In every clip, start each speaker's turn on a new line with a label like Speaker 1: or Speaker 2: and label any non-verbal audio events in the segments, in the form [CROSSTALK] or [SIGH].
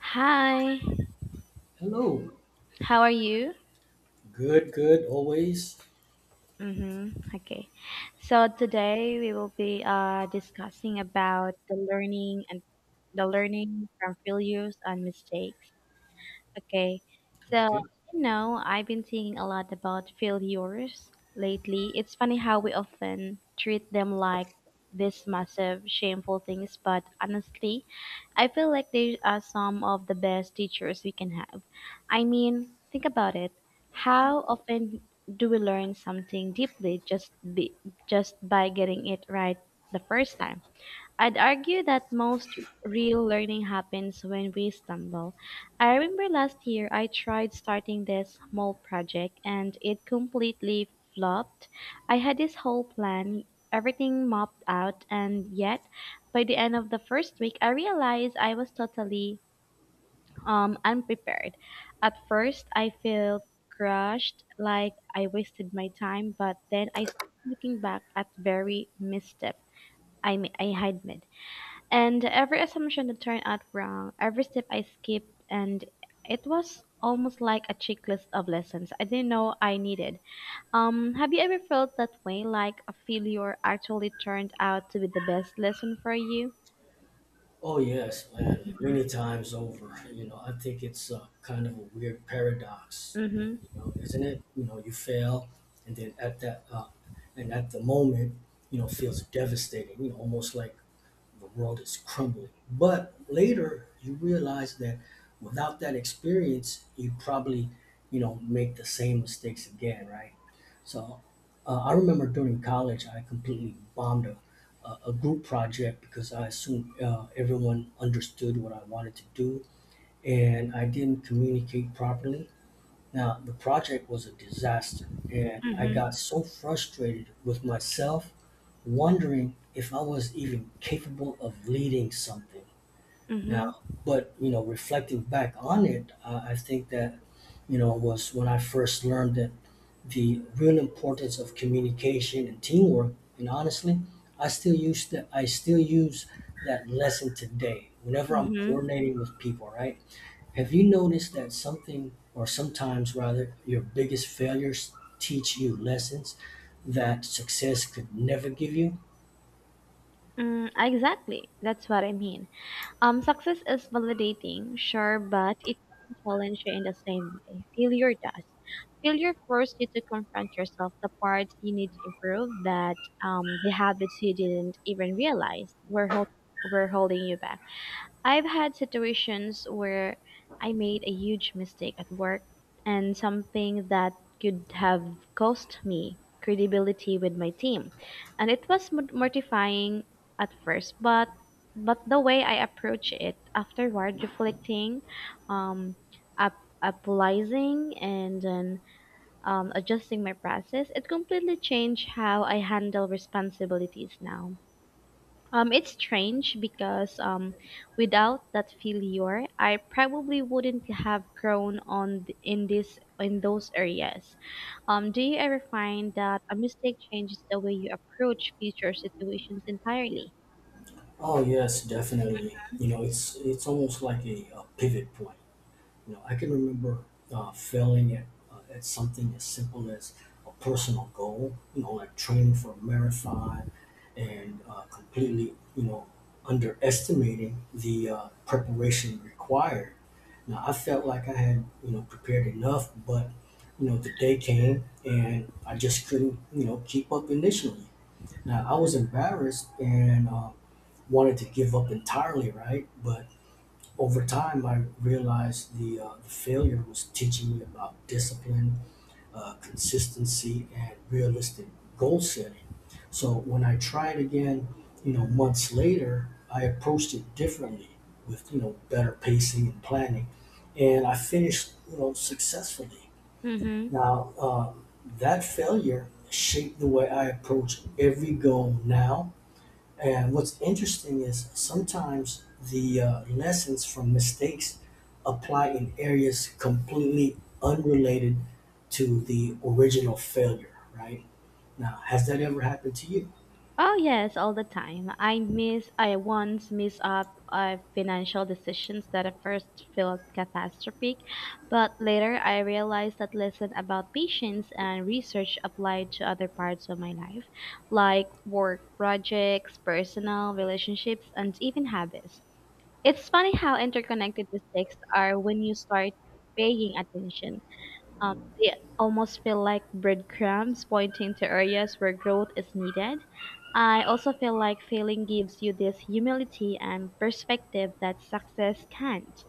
Speaker 1: Hi,
Speaker 2: Hello.
Speaker 1: how are you?
Speaker 2: Good, good, always.
Speaker 1: Mm-hmm. Okay. So today we will be discussing about the learning and the learning from failures and mistakes. Okay. So,
Speaker 2: Okay.
Speaker 1: I've been thinking a lot about failures lately. It's funny how we often treat them like these massive, shameful things, but honestly, I feel like they are some of the best teachers we can have. I mean, think about it. How often do we learn something deeply just by getting it right the first time? I'd argue that most real learning happens when we stumble. I remember last year I tried starting this small project and it completely flopped. I had this whole plan, everything mapped out, and yet by the end of the first week I realized I was totally unprepared. At first I felt crushed, like I wasted my time, but then I started looking back at very misstep I had made. And every assumption that turned out wrong, every step I skipped, and it was almost like a checklist of lessons I didn't know I needed. Have you ever felt that way, like a failure actually turned out to be the best lesson for you?
Speaker 2: Oh, yes, man, many times over. You know, I think it's kind of a weird paradox, you
Speaker 1: Mm-hmm.
Speaker 2: know, isn't it? You know, you fail, and at the moment, you know, feels devastating, you know, almost like the world is crumbling. But later you realize that without that experience, you probably, you know, make the same mistakes again, right? So I remember during college, I completely bombed a group project because I assumed everyone understood what I wanted to do, and I didn't communicate properly. Now, the project was a disaster, and I
Speaker 1: Mm-hmm.
Speaker 2: got so frustrated with myself, wondering if I was even capable of leading something.
Speaker 1: Mm-hmm.
Speaker 2: Now, but you know, reflecting back on it, I think that, you know, was when I first learned that the real importance of communication and teamwork. And honestly, I still use that. I still use that lesson today whenever I'm
Speaker 1: Mm-hmm.
Speaker 2: coordinating with people. Right, have you noticed that something, or sometimes rather, your biggest failures teach you lessons that success could never give you?
Speaker 1: Mm, exactly. That's what I mean. Success is validating, sure, but it doesn't challenge you in the same way. Failure does. Failure forces you to confront yourself, the parts you need to improve, that the habits you didn't even realize were holding you back. I've had situations where I made a huge mistake at work and something that could have cost me credibility with my team. And it was mortifying at first, but the way I approach it afterward, um, up, applying, and then adjusting my process, it completely changed how I handle responsibilities now. It's strange because without that failure, I probably wouldn't have grown on th- in this in those areas. Do you ever find that a mistake changes the way you approach future situations entirely?
Speaker 2: Oh yes, definitely. You know, it's almost like a, pivot point. You know, I can remember failing at something as simple as a personal goal. You know, like training for a marathon, and completely, you know, underestimating the preparation required. Now, I felt like I had, you know, prepared enough, but, you know, the day came and I just couldn't, you know, keep up initially. Now, I was embarrassed and wanted to give up entirely, right? But over time, I realized the, the failure was teaching me about discipline, consistency, and realistic goal setting. So when I tried again, you know, months later, I approached it differently with, you know, better pacing and planning. And I finished, you know, successfully.
Speaker 1: Mm-hmm.
Speaker 2: Now, that failure shaped the way I approach every goal now. And what's interesting is sometimes the lessons from mistakes apply in areas completely unrelated to the original failure, right? Now, has that ever happened to you?
Speaker 1: Oh yes, all the time. I once missed up financial decisions that at first felt catastrophic, but later I realized that lesson about patience and research applied to other parts of my life, like work projects, personal relationships, and even habits. It's funny how interconnected mistakes are when you start paying attention. They almost feel like breadcrumbs pointing to areas where growth is needed. I also feel like failing gives you this humility and perspective that success can't.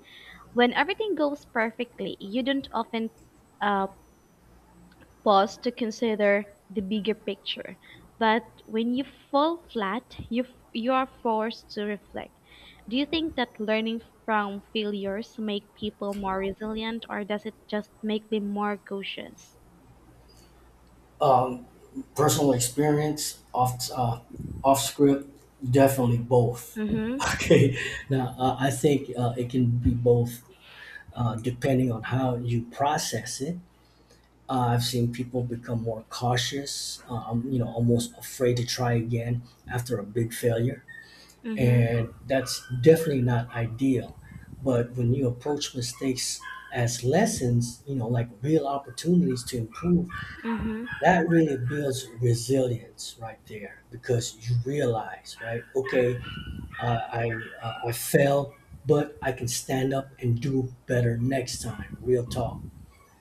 Speaker 1: When everything goes perfectly, you don't often uh, pause to consider the bigger picture. But when you fall flat, you are forced to reflect. Do you think that learning from failures make people more resilient, or does it just make them more cautious?
Speaker 2: Um, personal experience, off script, definitely both. [LAUGHS]
Speaker 1: Mhm,
Speaker 2: Okay, now I think it can be both, depending on how you process it. I've seen people become more cautious, you know, almost afraid to try again after a big failure.
Speaker 1: mhm,
Speaker 2: And that's definitely not ideal. But when you approach mistakes as lessons, you know, like real opportunities to improve,
Speaker 1: mhm,
Speaker 2: that really builds resilience right there, because you realize, right, okay, I fell, but I can stand up and do better next time. Real talk.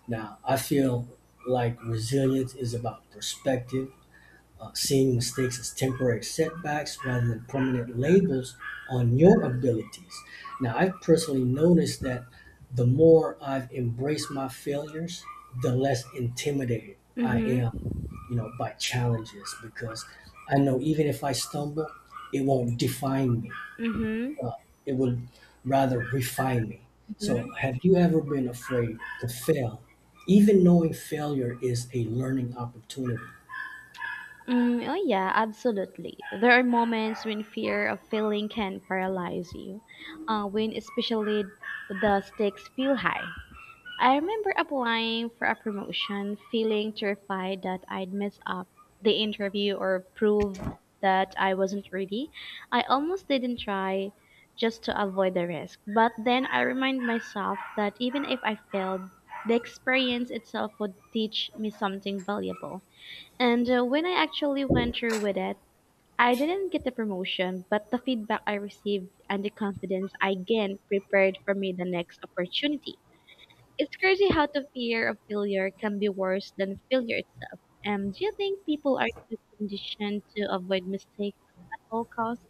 Speaker 2: Now, I feel like resilience is about perspective, seeing mistakes as temporary setbacks rather than permanent labels on your abilities. Now, I've personally noticed that the more I've embraced my failures, the less intimidated I
Speaker 1: mhm,
Speaker 2: am, you know, by challenges, because I know even if I stumble, it won't define me.
Speaker 1: mhm,
Speaker 2: uh, it would rather refine me. So,
Speaker 1: mhm.
Speaker 2: have you ever been afraid to fail, even knowing failure is a learning opportunity?
Speaker 1: Mm, oh yeah, absolutely. There are moments when fear of failing can paralyze you, when especially the stakes feel high. I remember applying for a promotion, feeling terrified that I'd mess up the interview or prove that I wasn't ready. I almost didn't try just to avoid the risk. But then I remind myself that even if I failed, the experience itself would teach me something valuable. And when I actually went through with it, I didn't get the promotion, but the feedback I received and the confidence I gained prepared for me the next opportunity. It's crazy how the fear of failure can be worse than failure itself. Do you think people are too conditioned to avoid mistakes at all costs?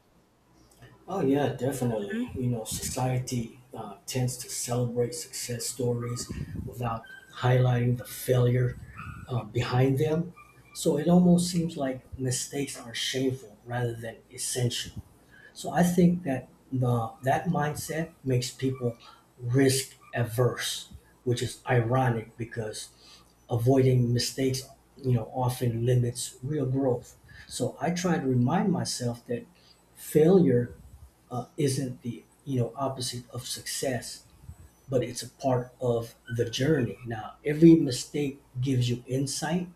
Speaker 2: Oh yeah, definitely.
Speaker 1: Mm.
Speaker 2: You know, society tends to celebrate success stories without highlighting the failure behind them. So it almost seems like mistakes are shameful rather than essential. So I think that the that mindset makes people risk averse, which is ironic because avoiding mistakes, you know, often limits real growth. So I try to remind myself that failure isn't the, you know, opposite of success, but it's a part of the journey. Now every mistake gives you insight,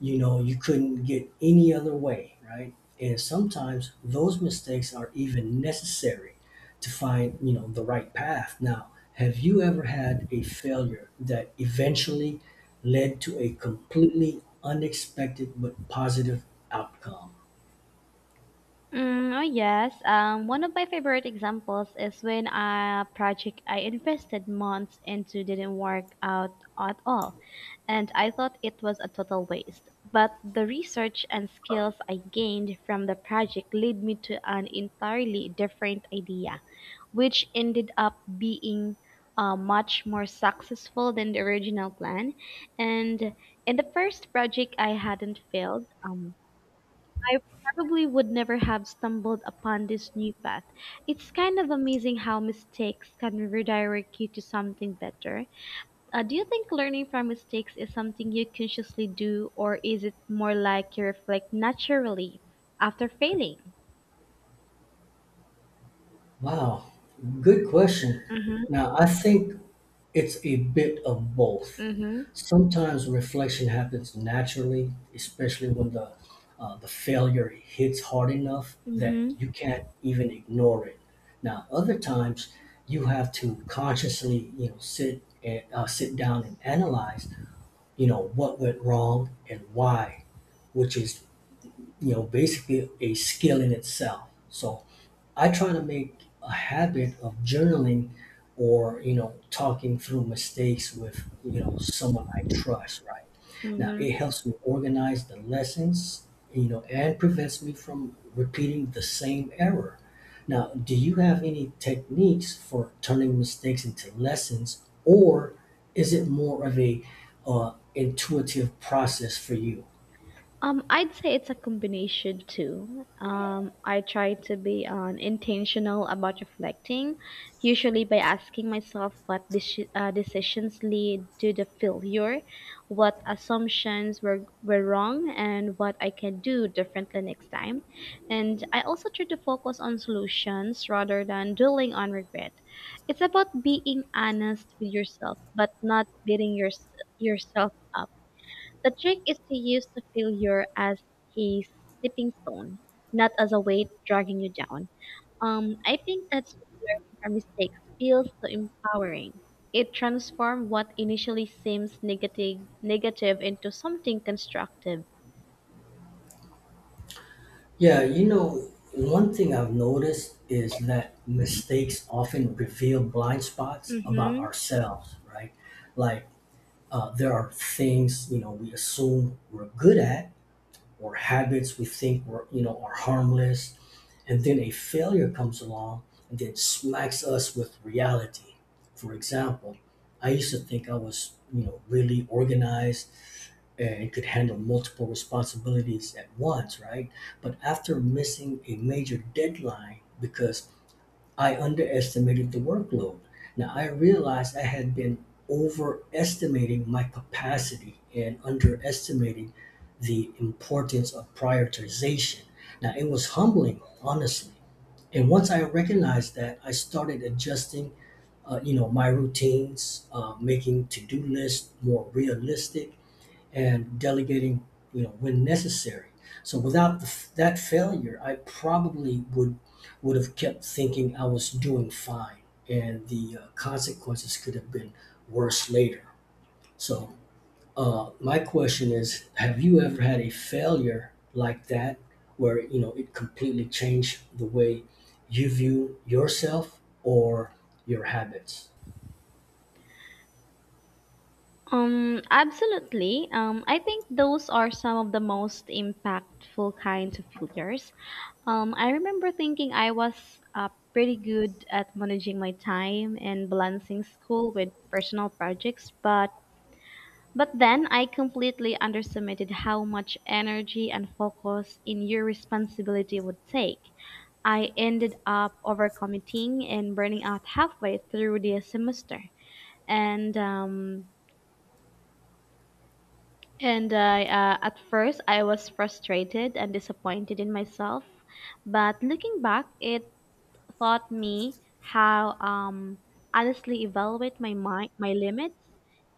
Speaker 2: you know, you couldn't get any other way, right? And sometimes those mistakes are even necessary to find, you know, the right path. Now, have you ever had a failure that eventually led to a completely unexpected but positive outcome?
Speaker 1: Mm, oh yes. One of my favorite examples is when a project I invested months into didn't work out at all, and I thought it was a total waste. But the research and skills I gained from the project led me to an entirely different idea, which ended up being much more successful than the original plan. And in the first project, I hadn't failed. I probably would never have stumbled upon this new path. It's kind of amazing how mistakes can redirect you to something better. Do you think learning from mistakes is something you consciously do, or is it more like you reflect naturally after failing?
Speaker 2: Wow, good question.
Speaker 1: Mm-hmm.
Speaker 2: Now I think it's a bit of both.
Speaker 1: Mm-hmm.
Speaker 2: Sometimes reflection happens naturally, especially when the failure hits hard enough that you
Speaker 1: Mm-hmm.
Speaker 2: can't even ignore it. Now, other times you have to consciously, you know, sit down and analyze, you know, what went wrong and why, which is, you know, basically a skill in itself. So I try to make a habit of journaling or, you know, talking through mistakes with, you know, someone I trust, right? Now,
Speaker 1: Mm-hmm.
Speaker 2: it helps me organize the lessons, you know, and prevents me from repeating the same error. Now, do you have any techniques for turning mistakes into lessons, or is it more of a intuitive process for you?
Speaker 1: I'd say it's a combination too. I try to be intentional about reflecting, usually by asking myself what decisions lead to the failure, what were wrong, and what I can do differently next time. And I also try to focus on solutions rather than dwelling on regret. It's about being honest with yourself, but not yourself up. The trick is to use the failure as a stepping stone, not as a weight dragging you down. I think that's why learning from mistakes feels so empowering. It transforms what initially seems negative into something constructive.
Speaker 2: Yeah, you know, one thing I've noticed is that mistakes often reveal blind spots about
Speaker 1: Mm-hmm.
Speaker 2: ourselves, right? Like, there are things, you know, we assume we're good at, or habits we think we're, you know, are harmless. And then a failure comes along and then smacks us with reality. For example, I used to think I was, you know, really organized and it could handle multiple responsibilities at once, right? But after missing a major deadline because I underestimated the workload, now I realized I had been overestimating my capacity and underestimating the importance of prioritization. Now it was humbling, honestly. And once I recognized that, I started adjusting, you know, my routines, making to-do lists more realistic, and delegating, you know, when necessary. So without that failure, I probably would have kept thinking I was doing fine, and the consequences could have been worse later. So my question is: have you ever had a failure like that, where, you know, it completely changed the way you view yourself or your habits?
Speaker 1: Absolutely. I think those are some of the most impactful kinds of failures. I remember thinking I was pretty good at managing my time and balancing school with personal projects, but then I completely underestimated how much energy and focus in your responsibility would take. I ended up overcommitting and burning out halfway through the semester. And um, And I, at first, I was frustrated and disappointed in myself. But looking back, it taught me how honestly evaluate my mind, my limits,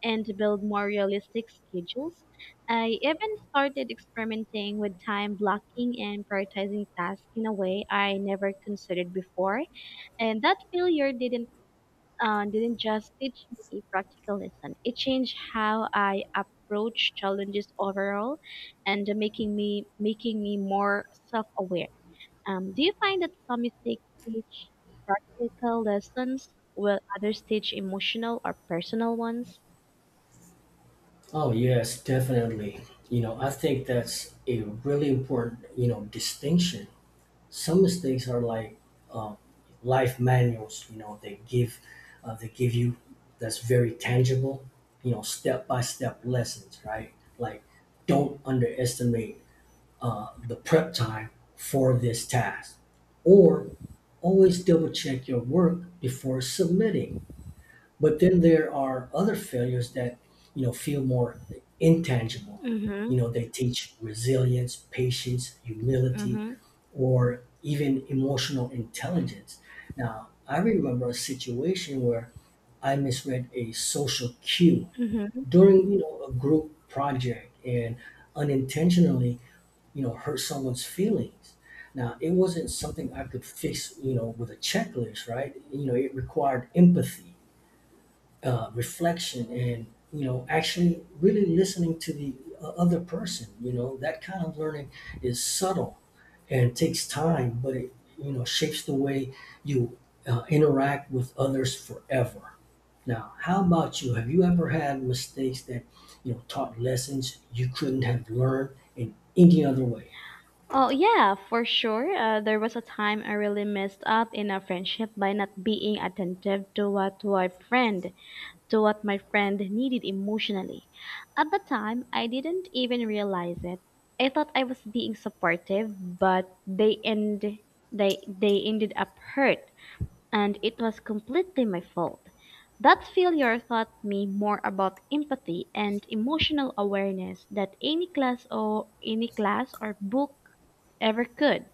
Speaker 1: and to build more realistic schedules. I even started experimenting with time blocking and prioritizing tasks in a way I never considered before. And that failure didn't just teach me a practical lesson. It changed how I approach challenges overall, and making me more self-aware. Do you find that some mistakes teach practical lessons, while others teach emotional or personal ones?
Speaker 2: Oh, yes, definitely. You know, I think that's a really important, you know, distinction. Some mistakes are like, um, life manuals, you know, they give you that's very tangible, you know, step-by-step lessons, right? Like, don't underestimate the prep time for this task, or always double check your work before submitting. But then there are other failures that, you know, feel more intangible.
Speaker 1: Mm-hmm.
Speaker 2: You know, they teach resilience, patience, humility,
Speaker 1: Mm-hmm.
Speaker 2: or even emotional intelligence. Now, I remember a situation where I misread a social cue
Speaker 1: Hmm.
Speaker 2: during, you know, a group project, and unintentionally, you know, hurt someone's feelings. Now, it wasn't something I could fix, you know, with a checklist, right? You know, it required empathy, reflection, and, you know, actually really listening to the other person. You know, that kind of learning is subtle and takes time, but it, you know, shapes the way you interact with others forever. Now, how about you? Have you ever had mistakes that, you know, taught lessons you couldn't have learned in any other way
Speaker 1: Oh yeah, for sure. There was a time I really messed up in a friendship by not being attentive to what my friend needed emotionally. At the time, I didn't even realize it. I thought I was being supportive, but they ended up hurt, and it was completely my fault. That failure taught me more about empathy and emotional awareness that any class or book ever could.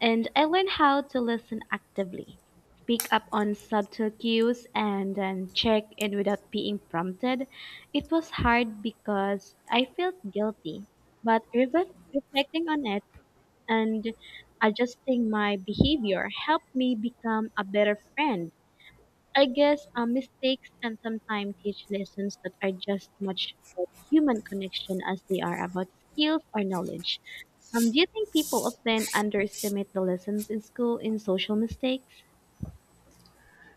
Speaker 1: And I learned how to listen actively, pick up on subtle cues, and then check in without being prompted. It was hard because I felt guilty, but reflecting on it and adjusting my behavior helped me become a better friend. I guess mistakes can sometimes teach lessons that are just much about human connection as they are about skills or knowledge. Do you think people often underestimate the lessons in school in social mistakes?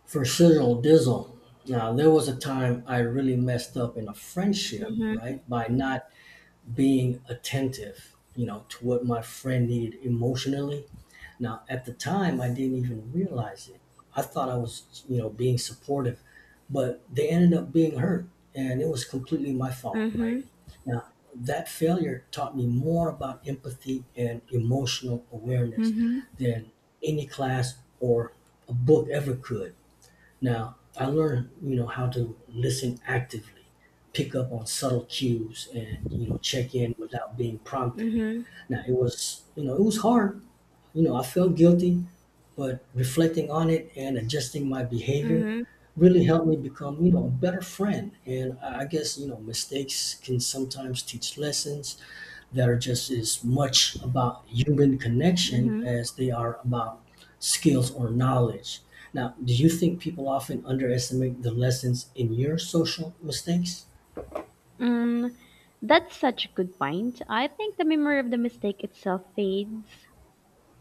Speaker 2: for Cyril Dizzle? Now, there was a time I really messed up in a friendship,
Speaker 1: Mm-hmm.
Speaker 2: right? By not being attentive, you know, to what my friend needed emotionally. Now, at the time, I didn't even realize it. I thought I was, you know, being supportive, but they ended up being hurt, and it was completely my fault, right?
Speaker 1: Mm-hmm.
Speaker 2: Now, that failure taught me more about empathy and emotional awareness
Speaker 1: Mm-hmm.
Speaker 2: than any class or a book ever could. Now, I learned, you know, how to listen actively, pick up on subtle cues, and, you know, check in without being prompted.
Speaker 1: Mm-hmm.
Speaker 2: Now, it was, you know, it was hard. You know, I felt guilty, but reflecting on it and adjusting my behavior
Speaker 1: Mm-hmm.
Speaker 2: really helped me become, you know, a better friend. And I guess, you know, mistakes can sometimes teach lessons that are just as much about human connection
Speaker 1: Mm-hmm.
Speaker 2: as they are about skills or knowledge. Now, do you think people often underestimate the lessons in your social mistakes?
Speaker 1: Mm, that's such a good point. I think the memory of the mistake itself fades,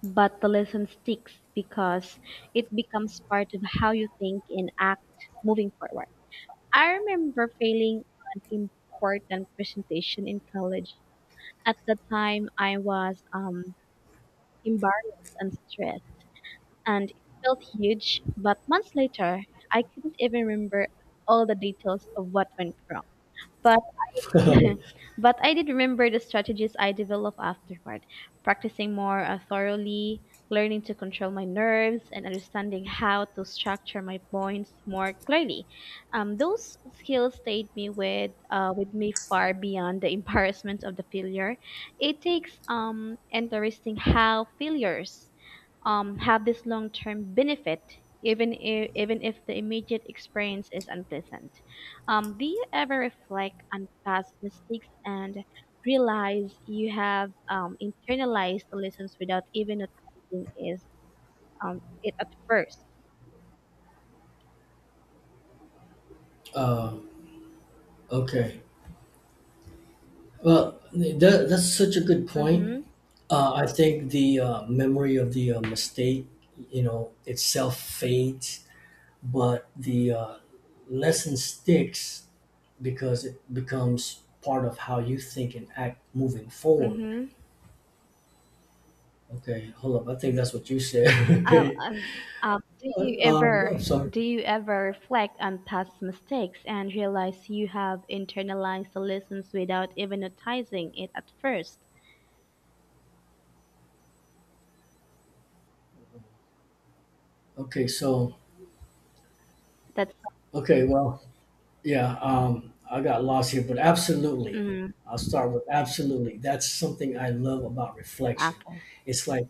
Speaker 1: but the lesson sticks because it becomes part of how you think and act moving forward. I remember failing an important presentation in college. At the time, I was embarrassed and stressed, and it felt huge. But months later, I couldn't even remember all the details of what went wrong. But [LAUGHS]
Speaker 2: [LAUGHS]
Speaker 1: but I did remember the strategies I developed afterward, practicing more thoroughly, learning to control my nerves, and understanding how to structure my points more clearly. Those skills stayed me with me far beyond the [LAUGHS] embarrassment of the failure. It takes interesting how failures have this long-term benefit, even if the immediate experience is unpleasant. Do you ever reflect on past mistakes and realize you have internalized the lessons without even noticing is it at first?
Speaker 2: Um, okay. Well, that's such a good point.
Speaker 1: Mm-hmm.
Speaker 2: I think the memory of the mistake, you know, itself fades, but the lesson sticks because it becomes part of how you think and act moving forward.
Speaker 1: Mm-hmm.
Speaker 2: Okay, hold up. I think that's what you said. [LAUGHS]
Speaker 1: Uh,
Speaker 2: Okay.
Speaker 1: um, do you ever
Speaker 2: I'm sorry.
Speaker 1: do you ever reflect on past mistakes and realize you have internalized the lessons without even noticing it at first?
Speaker 2: Okay, so,
Speaker 1: That's
Speaker 2: okay, well, yeah, I got lost here, but absolutely.
Speaker 1: mm.
Speaker 2: I'll start with absolutely. That's something I love about reflection.
Speaker 1: Okay.
Speaker 2: It's like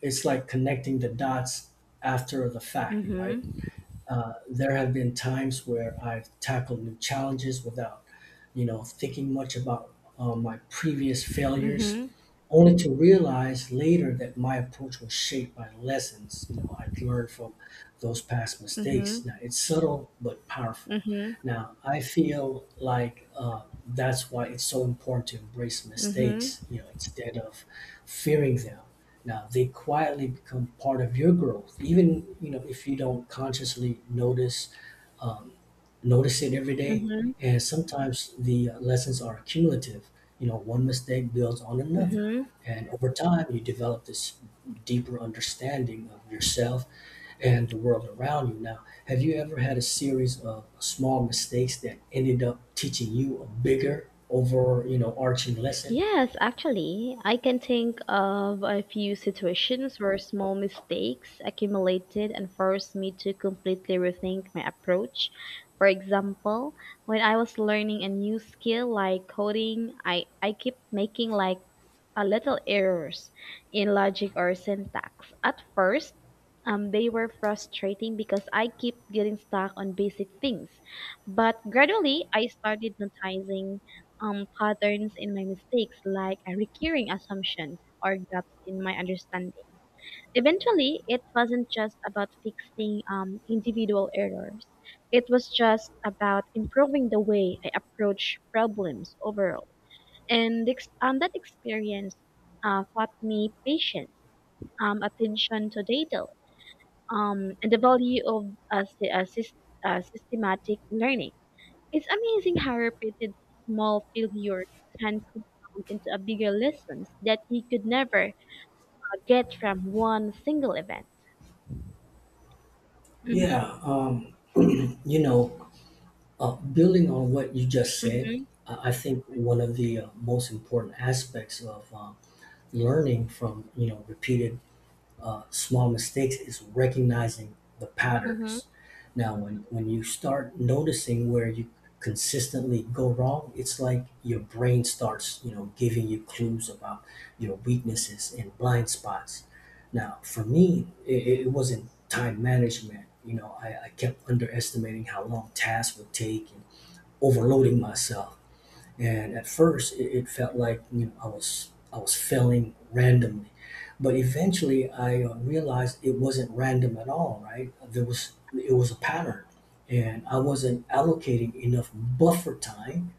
Speaker 2: it's like connecting the dots after the fact, right?
Speaker 1: Mhm.
Speaker 2: There have been times where I've tackled new challenges without, you know, thinking much about my previous failures,
Speaker 1: Mhm.
Speaker 2: only to realize later that my approach was shaped by lessons, you know, I'd learned from those past
Speaker 1: Mhm.
Speaker 2: mistakes. Now it's subtle but powerful.
Speaker 1: Mhm.
Speaker 2: Now I feel like, that's why it's so important to embrace
Speaker 1: Mhm.
Speaker 2: mistakes, you know, instead of fearing them. Now they quietly become part of your growth, even, you know, if you don't consciously notice, um, notice it every day.
Speaker 1: Mhm.
Speaker 2: And sometimes the lessons are cumulative, you know, one mistake builds on another,
Speaker 1: Mhm.
Speaker 2: and over time, you develop this deeper understanding of yourself and the world around you. Now, have you ever had a series of small mistakes that ended up teaching you a bigger, arching lesson?
Speaker 1: Yes, actually, I can think of a few situations where small mistakes accumulated and forced me to completely rethink my approach. For example, when I was learning a new skill like coding, I kept making like little errors in logic or syntax. At first, they were frustrating because I keep getting stuck on basic things. But gradually, I started noticing patterns in my mistakes, like a recurring assumptions or gaps in my understanding. Eventually, it wasn't just about fixing individual errors. It was just about improving the way I approach problems overall. And that experience taught me patience, attention to detail, and the value of systematic learning. It's amazing how repeated small failures can compound into a bigger lessons that he could never get from one single event. Hmm.
Speaker 2: Yeah, [CLEARS THROAT] you know, building on what you just said,
Speaker 1: Hmm.
Speaker 2: I think one of the most important aspects of learning from repeated small mistakes is recognizing the
Speaker 1: Hmm.
Speaker 2: patterns. Now, when you start noticing where you consistently go wrong, it's like your brain starts, giving you clues about your weaknesses and blind spots. Now, for me, it wasn't time management. I kept underestimating how long tasks would take and overloading myself, and at first, it felt like I was failing randomly, but eventually I realized it wasn't random at all. Right? There was it was a pattern, and I wasn't allocating enough buffer time,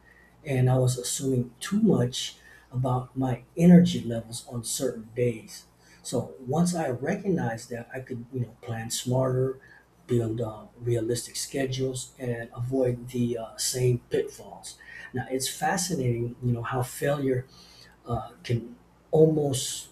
Speaker 2: and I was assuming too much about my energy levels on certain days. So once I recognized that, I could plan smarter, build realistic schedules, and avoid the same pitfalls. Now it's fascinating, how failure can almost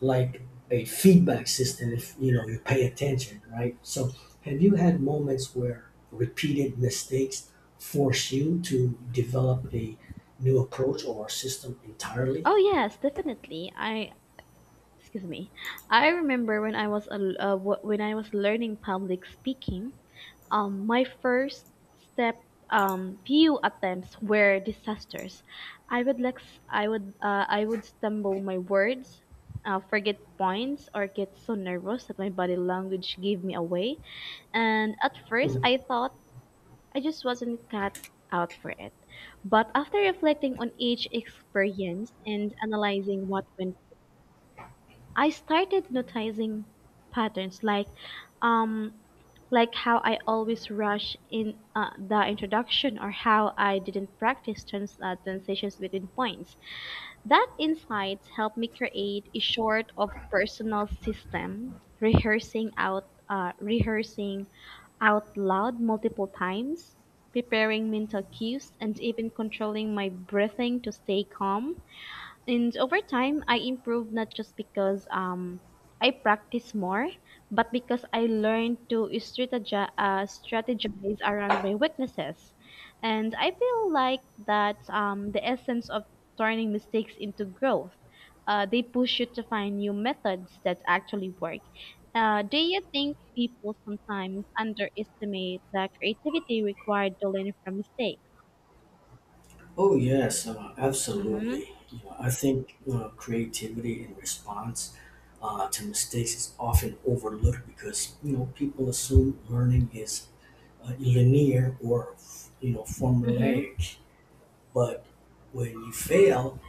Speaker 2: like a feedback system if you pay attention, right? So have you had moments where repeated mistakes force you to develop a new approach or system entirely?
Speaker 1: Oh yes, definitely. I excuse me. I remember when I was a, wh- when I was learning public speaking. My first step few attempts were disasters. I would like s- i would uh, i would stumble my words, forget points, or get so nervous that my body language gave me away. And at first I thought I just wasn't cut out for it. But after reflecting on each experience and analyzing what went, I started noticing patterns, um like how I always rush in the introduction or how I didn't practice transitions between points. That insight helped me create a sort of personal system: rehearsing out loud multiple times, preparing mental cues, and even controlling my breathing to stay calm. And over time, I improved not just because I practice more, but because I learned to strategize around my weaknesses. And I feel like that's the essence of turning mistakes into growth. They push you to find new methods that actually work. Do you think people sometimes underestimate the creativity required to learn from mistakes?
Speaker 2: Oh yes,
Speaker 1: Mm-hmm,
Speaker 2: absolutely. You know, I think creativity in response to mistakes is often overlooked because people assume learning is linear or
Speaker 1: mm-hmm,
Speaker 2: formulaic. But when you fail,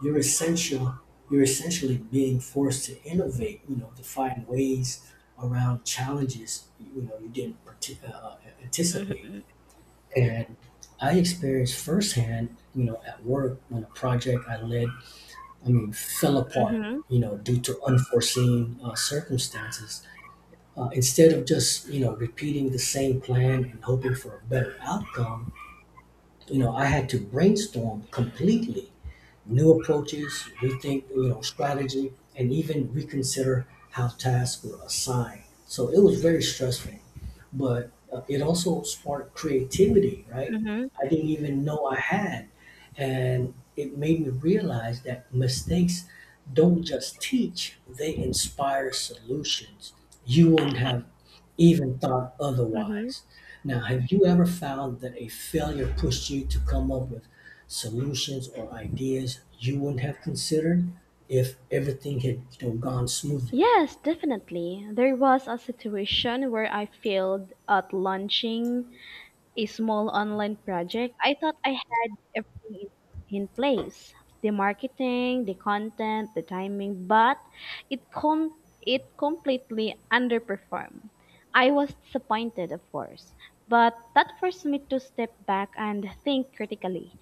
Speaker 2: you're essential. You're essentially being forced to innovate. You know, to find ways around challenges. You know, you didn't anticipate.
Speaker 1: mm-hmm,
Speaker 2: And I experienced firsthand. You know, at work when a project I led, I mean, fell apart.
Speaker 1: mm-hmm,
Speaker 2: You know, due to unforeseen circumstances. Instead of just repeating the same plan and hoping for a better outcome, you know, I had to brainstorm completely new approaches, rethink strategy, and even reconsider how tasks were assigned. So it was very stressful, but it also sparked creativity. Right,
Speaker 1: mm-hmm.
Speaker 2: I didn't even know I had, and it made me realize that mistakes don't just teach; they inspire solutions. You wouldn't have even thought
Speaker 1: Mm-hmm.
Speaker 2: otherwise. Now, have you ever found that a failure pushed you to come up with solutions or ideas you wouldn't have considered if everything had, gone smoothly?
Speaker 1: Yes, definitely. There was a situation where I failed at launching a small online project. I thought I had everything in place. The marketing, the content, the timing, but it com- it completely underperformed. I was disappointed, of course, but that forced me to step back and think critically.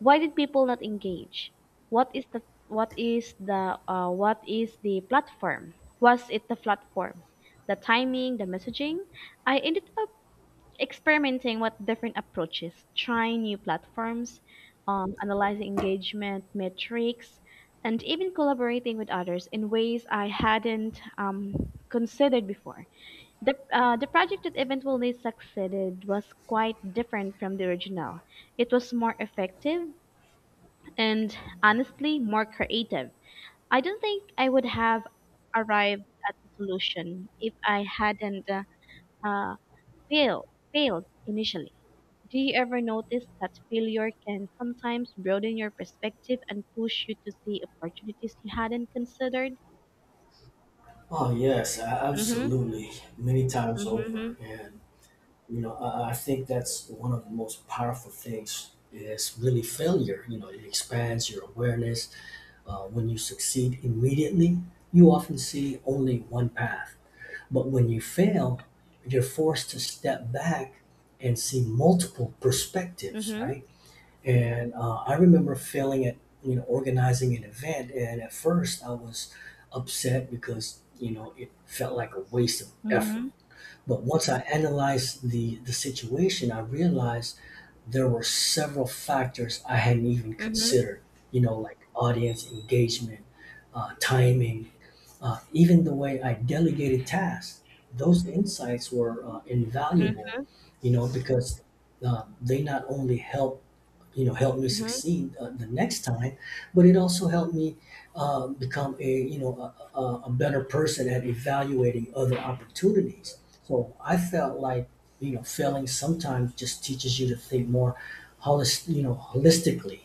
Speaker 1: Why did people not engage? What is the what is the what is the platform? Was it the platform? The timing, the messaging? I ended up experimenting with different approaches, trying new platforms, analyzing engagement metrics, and even collaborating with others in ways I hadn't considered before. The project that eventually succeeded was quite different from the original. It was more effective and honestly more creative. I don't think I would have arrived at the solution if I hadn't uh, failed, failed initially. Do you ever notice that failure can sometimes broaden your perspective and push you to see opportunities you hadn't considered?
Speaker 2: Oh yes,
Speaker 1: Mhm.
Speaker 2: absolutely. Many times over,
Speaker 1: Mhm.
Speaker 2: and I think that's one of the most powerful things. Is really failure. You know, it expands your awareness. When you succeed immediately, you often see only one path. But when you fail, you're forced to step back and see multiple perspectives,
Speaker 1: Mhm.
Speaker 2: right? And I remember feeling it, you know, organizing an event. And at first, I was upset because, you know, it felt like a waste of effort.
Speaker 1: Mhm.
Speaker 2: But once I analyzed the situation, I realized there were several factors I hadn't even
Speaker 1: Mhm.
Speaker 2: considered, you know, like audience engagement, timing, even the way I delegated tasks. Those insights were
Speaker 1: Mhm.
Speaker 2: invaluable, you know, because they not only help you know help me
Speaker 1: Mhm.
Speaker 2: succeed the next time, but it also helped me become a a better person at evaluating other opportunities. So I felt like failing sometimes just teaches you to think more holistically,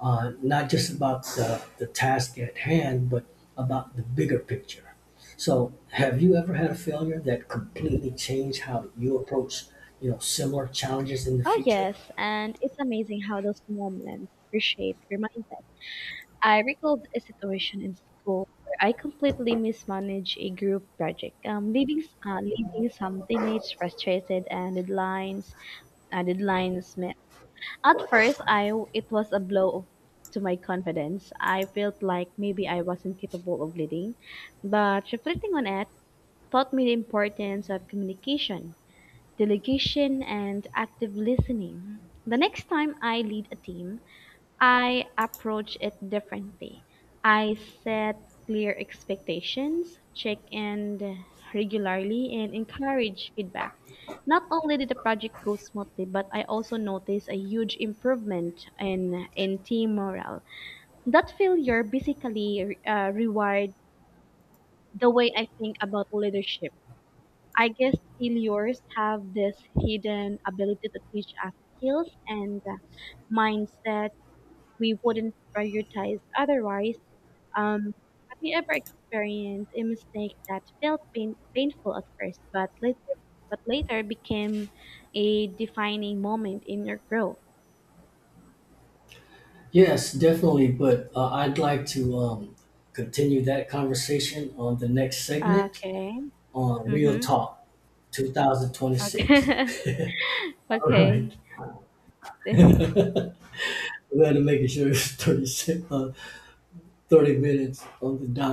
Speaker 2: not just about the task at hand, but about the bigger picture. So have you ever had a failure that completely changed how you approach similar challenges in the
Speaker 1: Oh
Speaker 2: future?
Speaker 1: yes, and it's amazing how those moments reshape your mindset. I recalled a situation in school where I completely mismanaged a group project, leaving leaving some teammates frustrated and deadlines At first I it was a blow to my confidence. I felt like maybe I wasn't capable of leading, but reflecting on it taught me the importance of communication, delegation, and active listening. The next time I lead a team, I approach it differently. I set clear expectations, check in regularly, and encourage feedback. Not only did the project go smoothly, but I also noticed a huge improvement in team morale. That failure basically rewired the way I think about leadership. I guess failures have this hidden ability to teach us skills and mindset we wouldn't prioritize otherwise. Um, have you ever experienced a mistake that felt painful at first, but later became a defining moment in your growth?
Speaker 2: Yes, definitely. But I'd like to continue that conversation on the next segment
Speaker 1: Okay.
Speaker 2: on Real
Speaker 1: Mm-hmm.
Speaker 2: Talk 2026.
Speaker 1: Okay.
Speaker 2: [LAUGHS]
Speaker 1: [LAUGHS]
Speaker 2: All
Speaker 1: Okay.
Speaker 2: right.
Speaker 1: [LAUGHS]
Speaker 2: We had to make it sure it was 30 minutes on the dot.